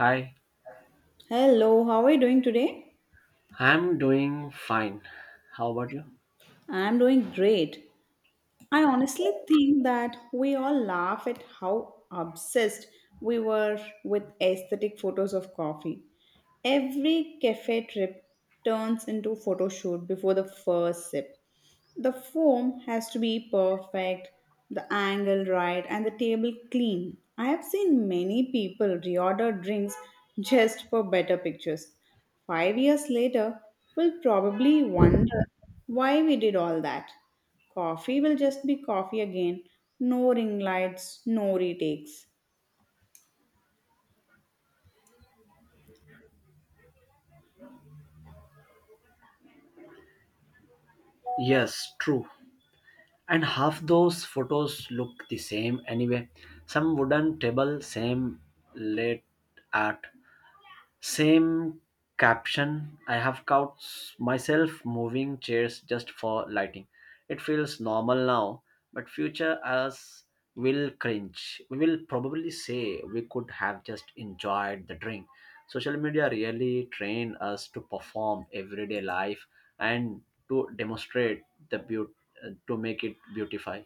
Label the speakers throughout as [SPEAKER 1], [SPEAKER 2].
[SPEAKER 1] Hi,
[SPEAKER 2] Hello, how are you doing today?
[SPEAKER 1] I'm doing fine. How about you?
[SPEAKER 2] I'm doing great. I honestly think that we all laugh at how obsessed we were with aesthetic photos of coffee. Every cafe trip turns into photo shoot before the first sip. The foam has to be perfect, the angle right, and the table clean. I have seen many people reorder drinks just for better pictures. 5 years later, we'll probably wonder why we did all that. Coffee will just be coffee again. No ring lights, no retakes.
[SPEAKER 1] Yes, true. And half those photos look the same anyway. Some wooden table, same late art, same caption. I have caught myself moving chairs just for lighting. It feels normal now, but future us will cringe. We will probably say we could have just enjoyed the drink. Social media really train us to perform everyday life and to demonstrate the beauty, to make it beautify.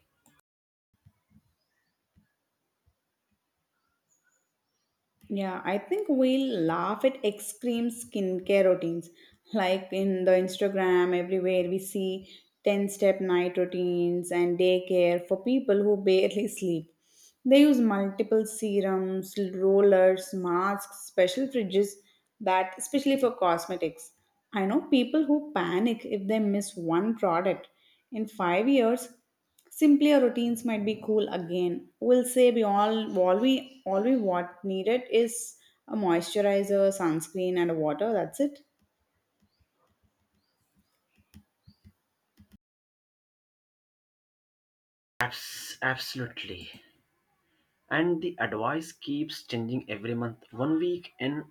[SPEAKER 2] Yeah, I think we laugh at extreme skincare routines. Like in the Instagram, everywhere we see 10 step night routines and daycare for people who barely sleep. They use multiple serums, rollers, masks, special fridges that, especially for cosmetics. I know people who panic if they miss one product. In 5 years, simpler routines might be cool again. We'll say we all we what needed is a moisturizer, sunscreen, and water. That's it.
[SPEAKER 1] Absolutely. And the advice keeps changing every month. One week in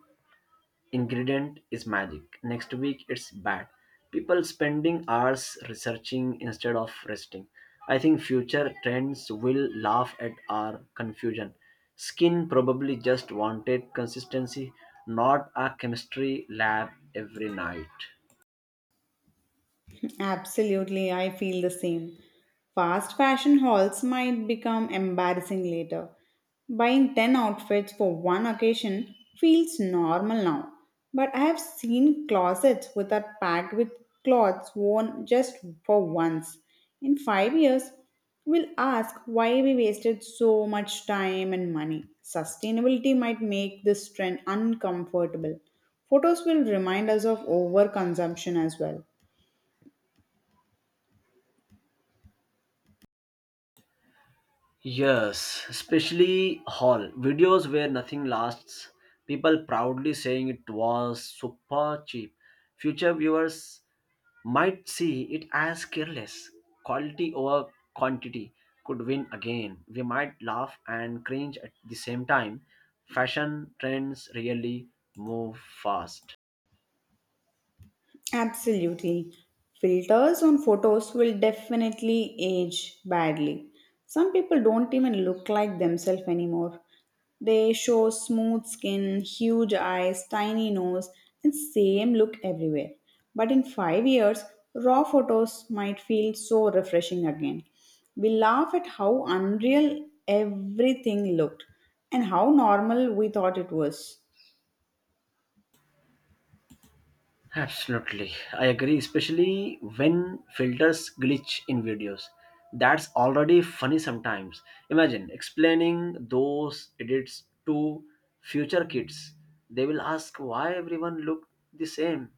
[SPEAKER 1] ingredient is magic. Next week it's bad. People spending hours researching instead of resting. I think future trends will laugh at our confusion. Skin probably just wanted consistency, not a chemistry lab every night.
[SPEAKER 2] Absolutely, I feel the same. Fast fashion hauls might become embarrassing later. Buying 10 outfits for one occasion feels normal now. But I have seen closets which are packed with clothes worn just for once. In 5 years, we'll ask why we wasted so much time and money. Sustainability might make this trend uncomfortable. Photos will remind us of overconsumption as well.
[SPEAKER 1] Yes, especially haul videos where nothing lasts. People proudly saying it was super cheap. Future viewers might see it as careless. Quality over quantity could win again. We might laugh and cringe at the same time. Fashion trends really move fast.
[SPEAKER 2] Absolutely. Filters on photos will definitely age badly. Some people don't even look like themselves anymore. They show smooth skin, huge eyes, tiny nose, and same look everywhere. But in 5 years, raw photos might feel so refreshing again. We laugh at how unreal everything looked and how normal we thought it was.
[SPEAKER 1] Absolutely. I agree, especially when filters glitch in videos. That's already funny sometimes. Imagine explaining those edits to future kids. They will ask why everyone looked the same.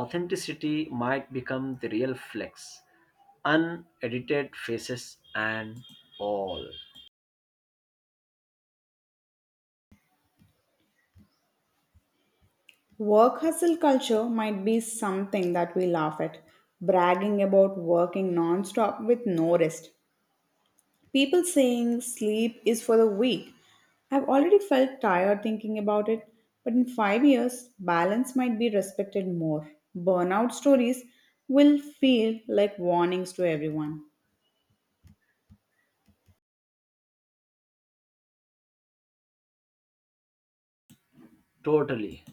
[SPEAKER 1] Authenticity might become the real flex, unedited faces and all.
[SPEAKER 2] Work hustle culture might be something that we laugh at, bragging about working nonstop with no rest. People saying sleep is for the weak. I've already felt tired thinking about it, but in 5 years, balance might be respected more. Burnout stories will feel like warnings to everyone.
[SPEAKER 1] Totally,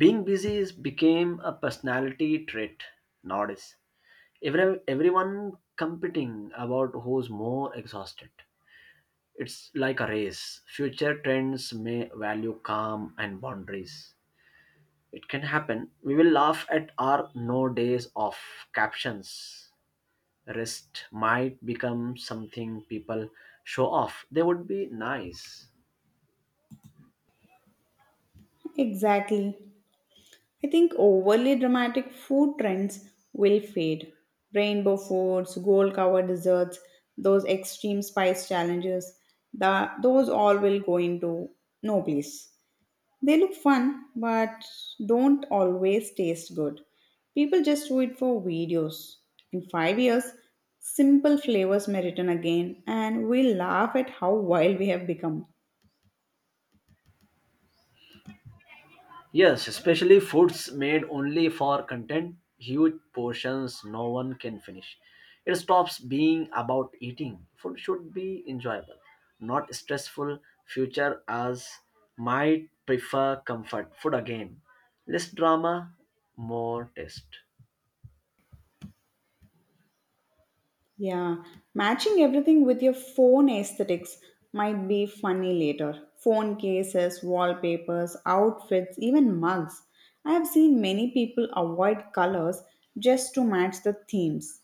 [SPEAKER 1] being busy is became a personality trait nowadays. Everyone competing about who's more exhausted, it's like a race. Future trends may value calm and boundaries. It can happen. We will laugh at our no days off captions. Rest might become something people show off. They would be nice.
[SPEAKER 2] Exactly. I think overly dramatic food trends will fade. Rainbow foods, gold covered desserts, those extreme spice challenges, those all will go into no place. They look fun but don't always taste good. People just do it for videos. In 5 years, simple flavors may return again and we will laugh at how wild we have become.
[SPEAKER 1] Yes, especially foods made only for content, huge portions no one can finish. It stops being about eating. Food should be enjoyable, not stressful. Future us might prefer comfort food again. Less drama, more taste.
[SPEAKER 2] Yeah, matching everything with your phone aesthetics might be funny later. Phone cases, wallpapers, outfits, even mugs. I have seen many people avoid colors just to match the themes.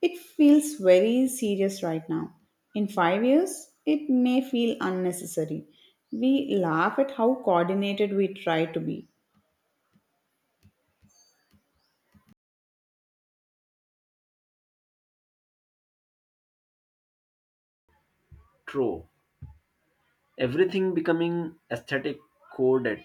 [SPEAKER 2] It feels very serious right now. In 5 years, it may feel unnecessary. We laugh at how coordinated we try to be.
[SPEAKER 1] True. Everything becoming aesthetic coded.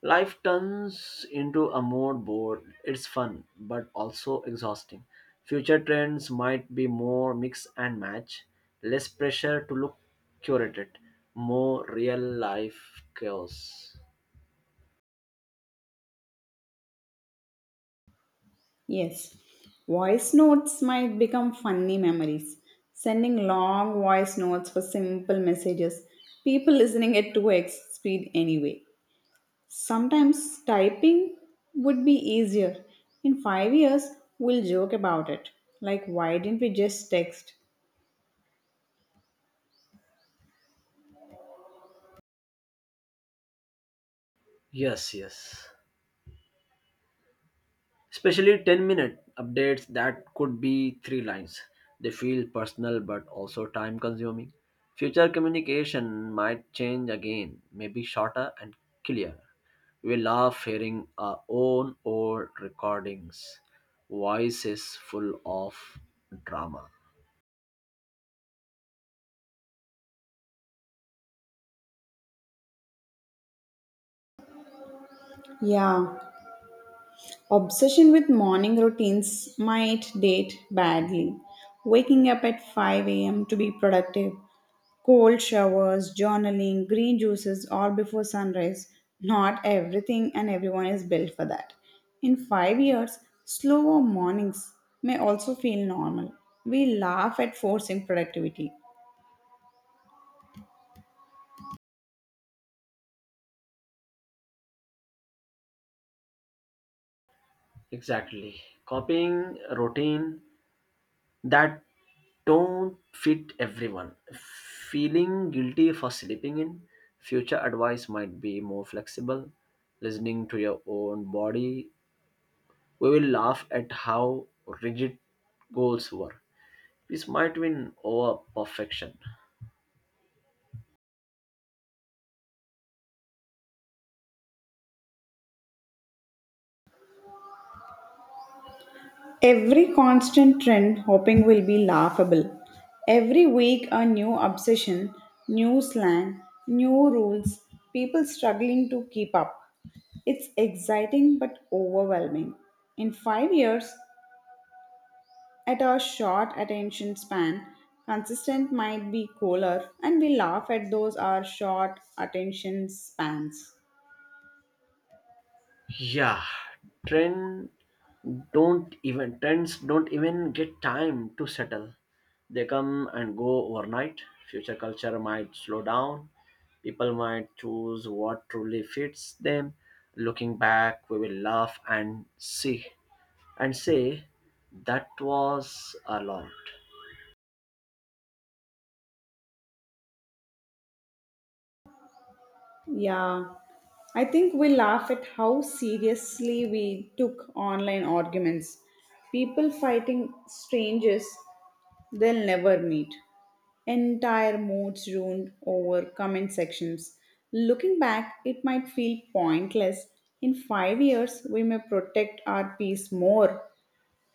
[SPEAKER 1] Life turns into a mode board. It's fun, but also exhausting. Future trends might be more mix and match, less pressure to look curated, more real life chaos.
[SPEAKER 2] Yes, voice notes might become funny memories. Sending long voice notes for simple messages, people listening at 2x speed anyway. Sometimes typing would be easier. In 5 years, we'll joke about it. Like, why didn't we just text?
[SPEAKER 1] Yes, yes, especially 10-minute minute updates that could be three lines. They feel personal but also time consuming. Future communication might change again, maybe shorter and clearer. We love hearing our own old recordings, voices full of drama.
[SPEAKER 2] Yeah, obsession with morning routines might date badly. Waking up at 5 a.m. to be productive, cold showers, journaling, green juices all before sunrise. Not everything and everyone is built for that. In 5 years, slower mornings may also feel normal. We laugh at forcing productivity.
[SPEAKER 1] Exactly. Copying routine that don't fit everyone. Feeling guilty for sleeping in, future advice might be more flexible, listening to your own body. We will laugh at how rigid goals were. This might win over perfection.
[SPEAKER 2] Every constant trend hoping will be laughable. Every week, a new obsession, new slang, new rules, people struggling to keep up. It's exciting but overwhelming. In 5 years, at our short attention span, consistent might be cooler, and we laugh at those our short attention spans.
[SPEAKER 1] Yeah, trend trends don't even get time to settle. They come and go overnight. Future culture might slow down. People might choose what truly fits them. Looking back, we will laugh and see and say that was a lot.
[SPEAKER 2] Yeah, I think we laugh at how seriously we took online arguments. People fighting strangers they'll never meet. Entire moods ruined over comment sections. Looking back, it might feel pointless. In 5 years, we may protect our peace more.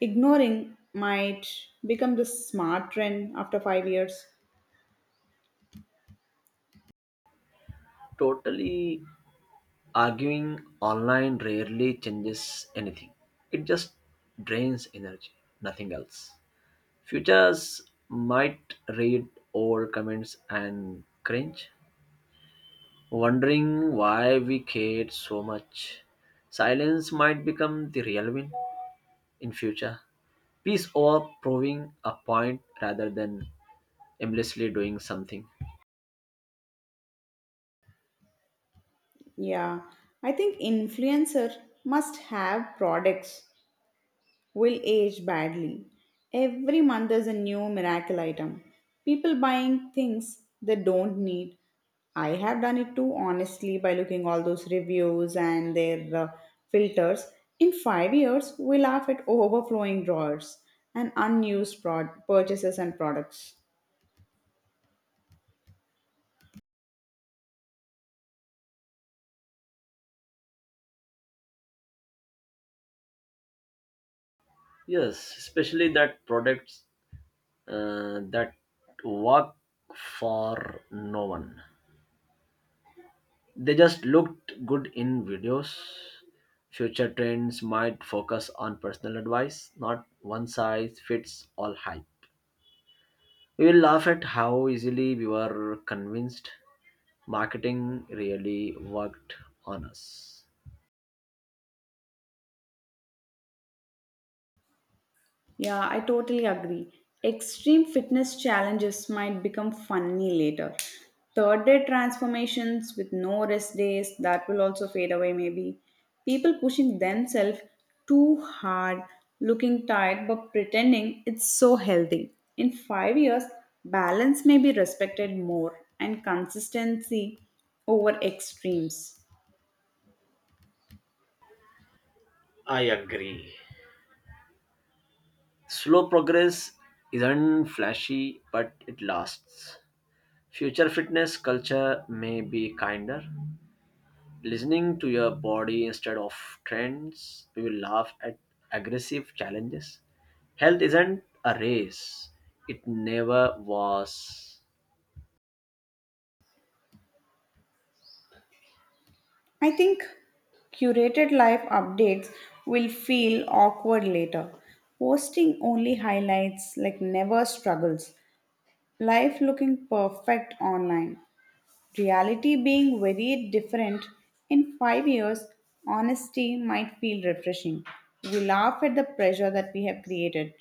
[SPEAKER 2] Ignoring might become the smart trend after 5 years.
[SPEAKER 1] Totally, arguing online rarely changes anything. It just drains energy, nothing else. Futures might read old comments and cringe, wondering why we cared so much. Silence might become the real win in future. Peace over proving a point rather than aimlessly doing something.
[SPEAKER 2] Yeah, I think influencer must have products will age badly. Every month there's a new miracle item. People buying things they don't need. I have done it too honestly by looking all those reviews and their filters. In 5 years, we laugh at overflowing drawers and unused purchases and products.
[SPEAKER 1] Yes, especially that products, that work for no one. They just looked good in videos. Future trends might focus on personal advice, not one size fits all hype. We will laugh at how easily we were convinced. Marketing really worked on us.
[SPEAKER 2] Yeah, I totally agree. Extreme fitness challenges might become funny later. Third day transformations with no rest days, that will also fade away maybe. People pushing themselves too hard, looking tired but pretending it's so healthy. In 5 years, balance may be respected more and consistency over extremes.
[SPEAKER 1] I agree. Slow progress isn't flashy, but it lasts. Future fitness culture may be kinder, listening to your body instead of trends. We will laugh at aggressive challenges. Health isn't a race, it never was.
[SPEAKER 2] I think curated life updates will feel awkward later. Posting only highlights, like never struggles. Life looking perfect online. Reality being very different. In 5 years, honesty might feel refreshing. We laugh at the pressure that we have created.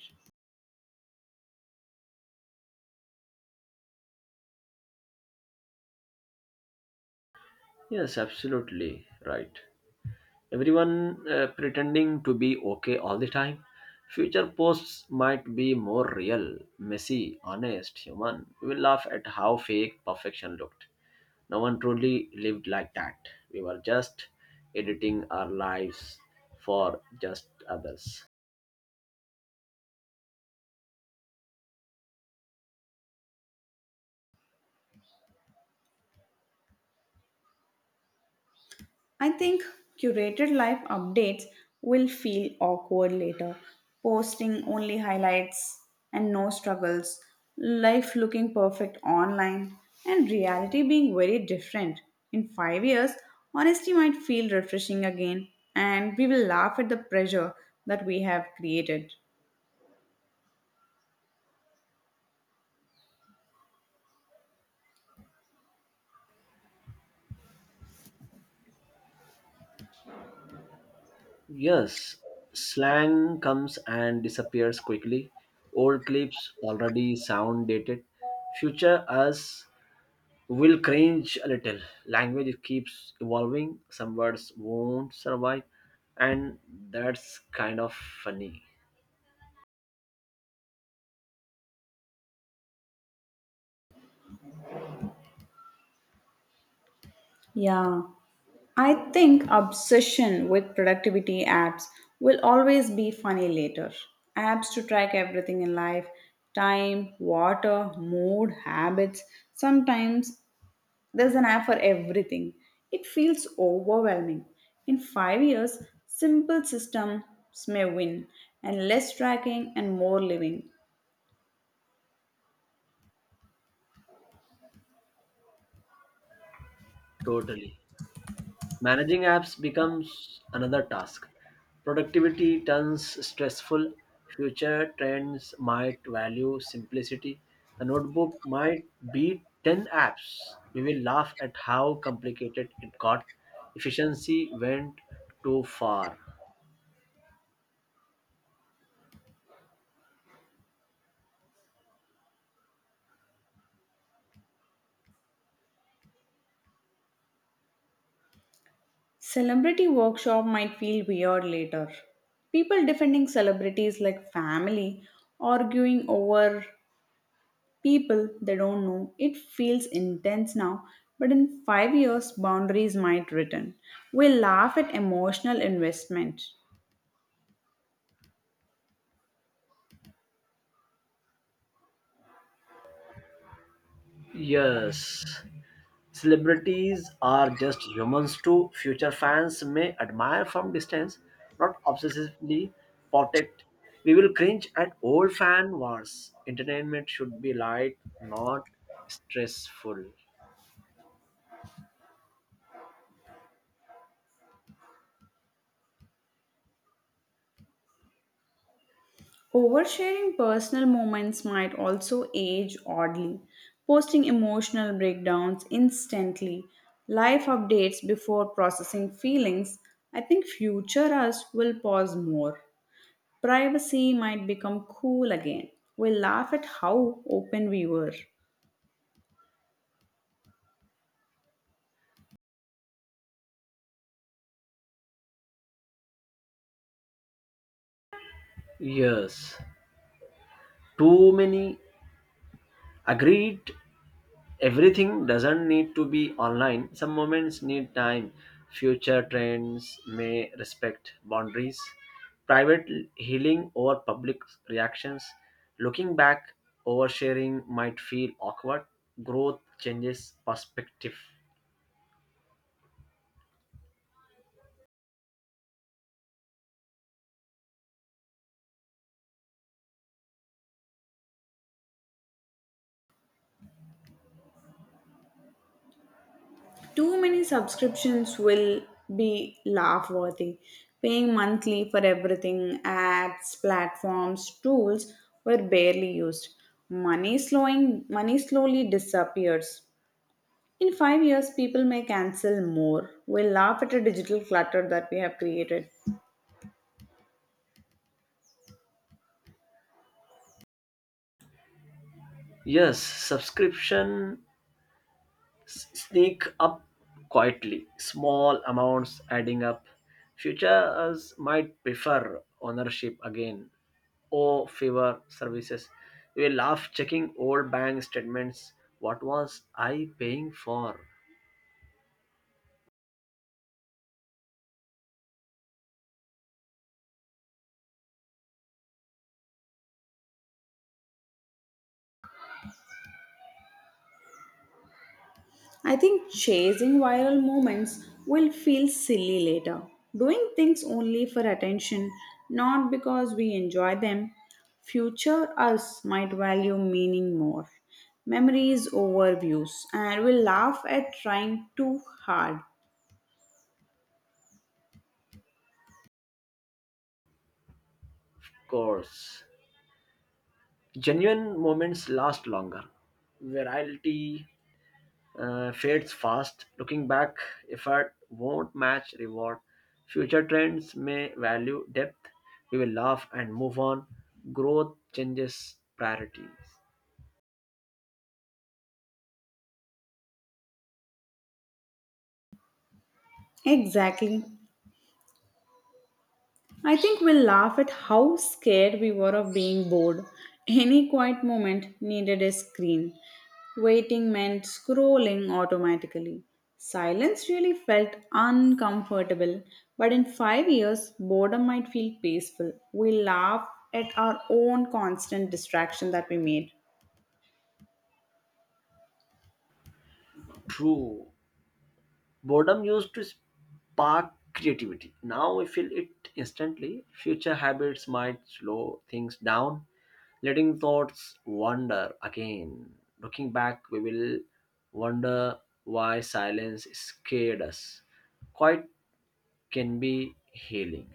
[SPEAKER 1] Yes, absolutely right. Everyone pretending to be okay all the time. Future posts might be more real, messy, honest, human. We will laugh at how fake perfection looked. No one truly lived like that. We were just editing our lives for just others.
[SPEAKER 2] I think curated life updates will feel awkward later. Posting only highlights and no struggles, life looking perfect online, and reality being very different. In 5 years, honesty might feel refreshing again, and we will laugh at the pressure that we have created.
[SPEAKER 1] Yes, slang comes and disappears quickly. Old clips already sound dated. Future us will cringe a little. Language keeps evolving, some words won't survive, and that's kind of funny.
[SPEAKER 2] Yeah. I think obsession with productivity apps will always be funny later. Apps to track everything in life, time, water, mood, habits. Sometimes there's an app for everything. It feels overwhelming. In 5 years, simple systems may win, and less tracking and more living.
[SPEAKER 1] Totally. Managing apps becomes another task. Productivity turns stressful. Future trends might value simplicity. A notebook might beat 10 apps. We will laugh at how complicated it got. Efficiency went too far.
[SPEAKER 2] Celebrity workshop might feel weird later. People defending celebrities like family, arguing over people they don't know. It feels intense now, but in 5 years, boundaries might return. We laugh at emotional investment.
[SPEAKER 1] Yes. Celebrities are just humans too. Future fans may admire from distance, not obsessively protect. We will cringe at old fan wars. Entertainment should be light, not stressful.
[SPEAKER 2] Oversharing personal moments might also age oddly. Posting emotional breakdowns instantly, life updates before processing feelings, I think future us will pause more. Privacy might become cool again. We laugh at how open we were.
[SPEAKER 1] Yes, too many agreed, everything doesn't need to be online. Some moments need time. Future trends may respect boundaries, private healing over public reactions. Looking back, oversharing might feel awkward. Growth changes perspective.
[SPEAKER 2] Too many subscriptions will be laugh worthy. Paying monthly for everything, ads, platforms, tools were barely used. Money slowly disappears. In 5 years, people may cancel more. We'll laugh at the digital clutter that we have created.
[SPEAKER 1] Yes, subscription sneak up quietly, small amounts adding up. Futures might prefer ownership again or favor services. We will laugh checking old bank statements. What was I paying for?
[SPEAKER 2] I think chasing viral moments will feel silly later. Doing things only for attention, not because we enjoy them. Future us might value meaning more. Memories over views, and will laugh at trying too hard.
[SPEAKER 1] Course. Genuine moments last longer. Variety fades fast. Looking back, effort won't match reward. Future trends may value depth. We will laugh and move on. Growth changes priorities.
[SPEAKER 2] Exactly. I think we'll laugh at how scared we were of being bored. Any quiet moment needed a screen. Waiting meant scrolling automatically. Silence really felt uncomfortable, but in 5 years, boredom might feel peaceful. We laugh at our own constant distraction that we made.
[SPEAKER 1] True. Boredom used to spark creativity. Now we feel it instantly. Future habits might slow things down, letting thoughts wander again. Looking back, we will wonder why silence scared us. Quite can be healing.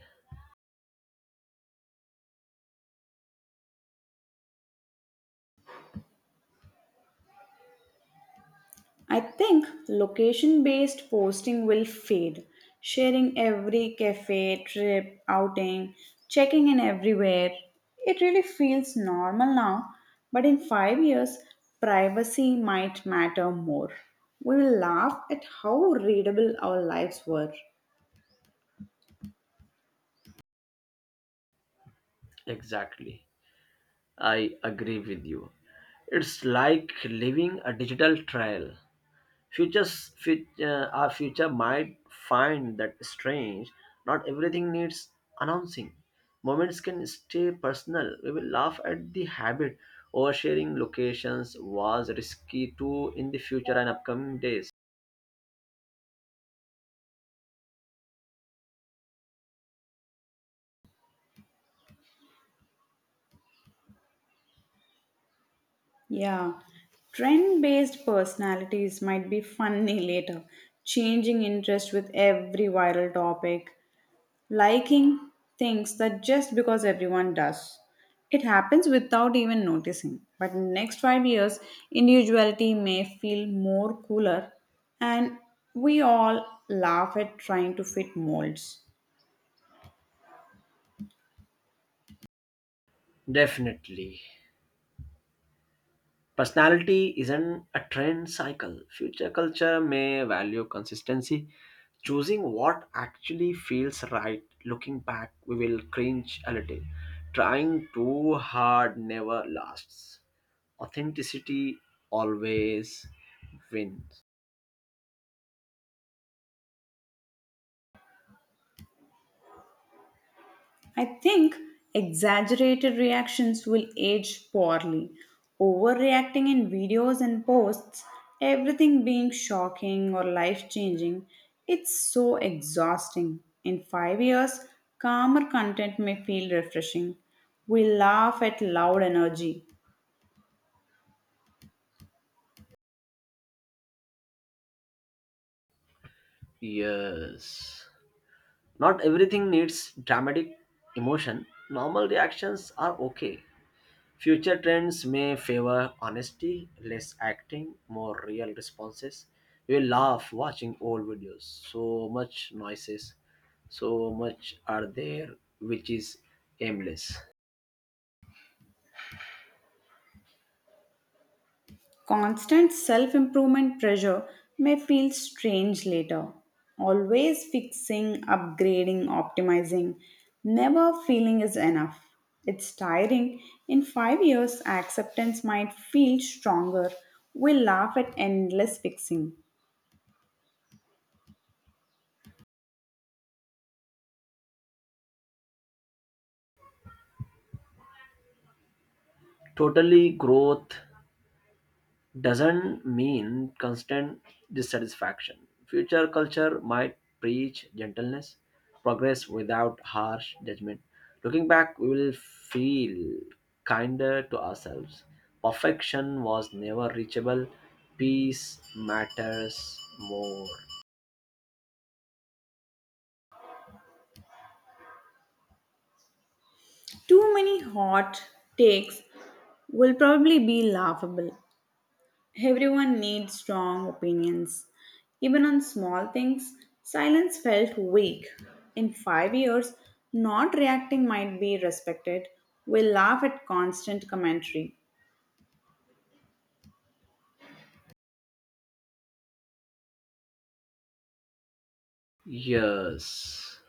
[SPEAKER 2] I think location based posting will fade. Sharing every cafe, trip, outing, checking in everywhere. It really feels normal now, but in 5 years, privacy might matter more. We will laugh at how readable our lives were.
[SPEAKER 1] Exactly. I agree with you. It's like living a digital trial. Our future might find that strange. Not everything needs announcing. Moments can stay personal. We will laugh at the habit. Oversharing locations was risky too in the future and upcoming days.
[SPEAKER 2] Yeah, trend based personalities might be funny later, changing interest with every viral topic. Liking things that just because everyone does. It happens without even noticing. But next 5 years, individuality may feel more cooler and we all laugh at trying to fit molds.
[SPEAKER 1] Definitely. Personality isn't a trend cycle. Future culture may value consistency, choosing what actually feels right. Looking back, we will cringe a little. Trying too hard never lasts. Authenticity always wins.
[SPEAKER 2] I think exaggerated reactions will age poorly. Overreacting in videos and posts, everything being shocking or life changing, it's so exhausting. In 5 years, calmer content may feel refreshing. We laugh at loud energy.
[SPEAKER 1] Yes. Not everything needs dramatic emotion. Normal reactions are okay. Future trends may favor honesty, less acting, more real responses. You will laugh watching old videos. So much noises, so much are there, which is aimless.
[SPEAKER 2] Constant self improvement pressure may feel strange later. Always fixing, upgrading, optimizing, never feeling is enough. It's tiring. In 5 years, acceptance might feel stronger. We laugh at endless fixing.
[SPEAKER 1] Totally, growth doesn't mean constant dissatisfaction. Future culture might preach gentleness, progress without harsh judgment. Looking back, we will feel kinder to ourselves. Perfection was never reachable, peace matters more.
[SPEAKER 2] Too many hot takes will probably be laughable. Everyone needs strong opinions. Even on small things, silence felt weak. In 5 years, not reacting might be respected. We laugh at constant commentary.
[SPEAKER 1] Yes.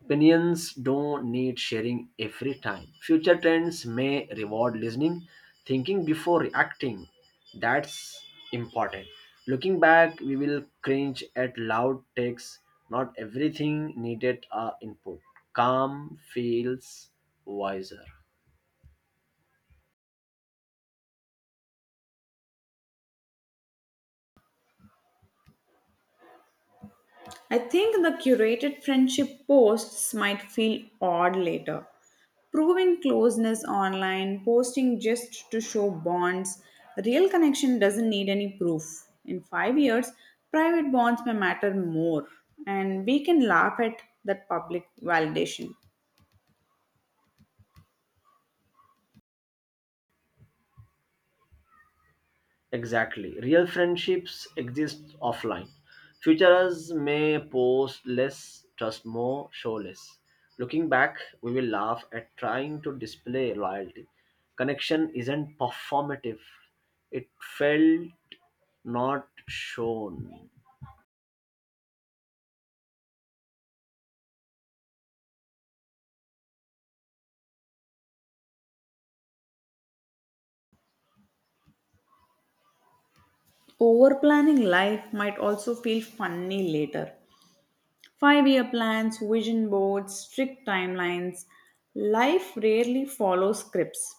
[SPEAKER 1] Opinions don't need sharing every time. Future trends may reward listening, thinking before reacting. That's important. Looking back, we will cringe at loud takes. Not everything needed our input. Calm feels wiser.
[SPEAKER 2] I think the curated friendship posts might feel odd later. Proving closeness online, posting just to show bonds, real connection doesn't need any proof. In 5 years, private bonds may matter more, and we can laugh at that public validation.
[SPEAKER 1] Exactly. Real friendships exist offline. Futurists may post less, trust more, show less. Looking back, we will laugh at trying to display loyalty. Connection isn't performative, it felt not shown.
[SPEAKER 2] Over planning life might also feel funny later. 5 year plans, vision boards, strict timelines. Life rarely follows scripts.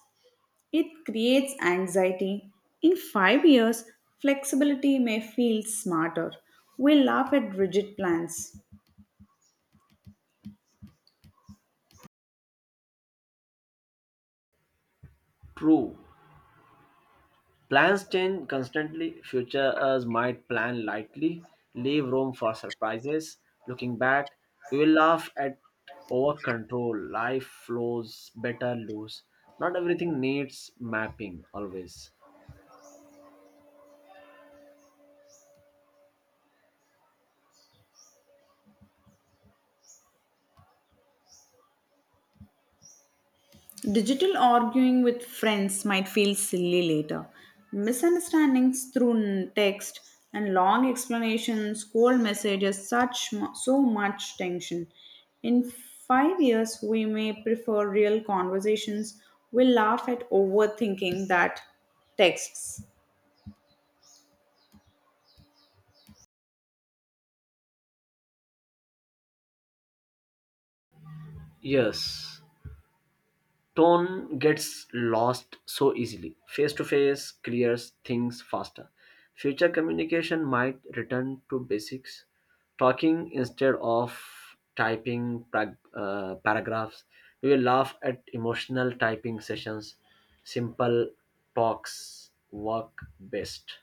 [SPEAKER 2] It creates anxiety. In 5 years, flexibility may feel smarter. We laugh at rigid plans.
[SPEAKER 1] True. Plans change constantly. Future us might plan lightly, leave room for surprises. Looking back, we will laugh at over control. Life flows better loose. Not everything needs mapping always.
[SPEAKER 2] Digital arguing with friends might feel silly later. Misunderstandings through text and long explanations, cold messages, so much tension. In 5 years, we may prefer real conversations. We laugh at overthinking that texts.
[SPEAKER 1] Yes, tone gets lost so easily. Face to face clears things faster. Future communication might return to basics, talking instead of typing paragraphs. We will laugh at emotional typing sessions. Simple talks work best.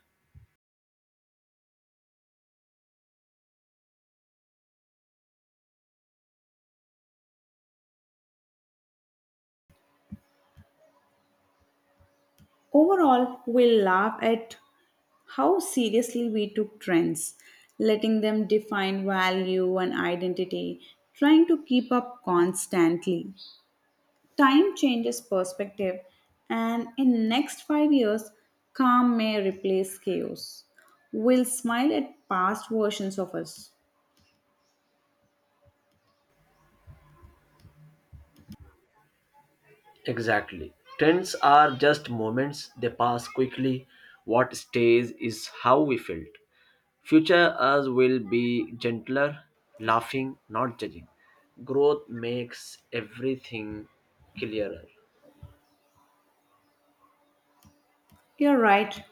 [SPEAKER 2] Overall, we laugh at how seriously we took trends, letting them define value and identity, trying to keep up constantly. Time changes perspective, and in next 5 years, calm may replace chaos. We'll smile at past versions of us.
[SPEAKER 1] Exactly. Trends are just moments, they pass quickly. What stays is how we felt. Future us will be gentler, laughing, not judging. Growth makes everything clearer.
[SPEAKER 2] You're right.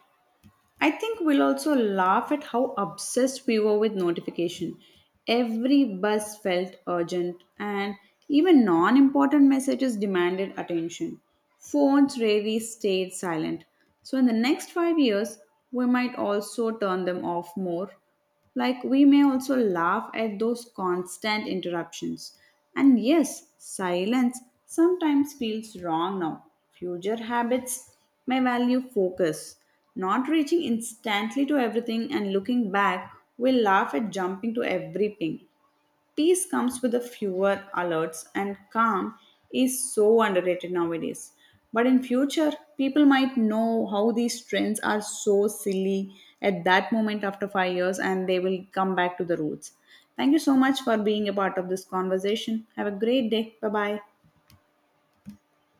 [SPEAKER 2] I think we'll also laugh at how obsessed we were with notification. Every buzz felt urgent, and even non important messages demanded attention. Phones rarely stayed silent. So, in the next 5 years, we might also turn them off more, like we may also laugh at those constant interruptions. And yes, silence sometimes feels wrong now. Future habits may value focus. Not reaching instantly to everything and looking back, we laugh at jumping to every ping. Peace comes with a fewer alerts and calm is so underrated nowadays. But in future, people might know how these trends are so silly at that moment after 5 years and they will come back to the roots. Thank you so much for being a part of this conversation. Have a great day. Bye bye.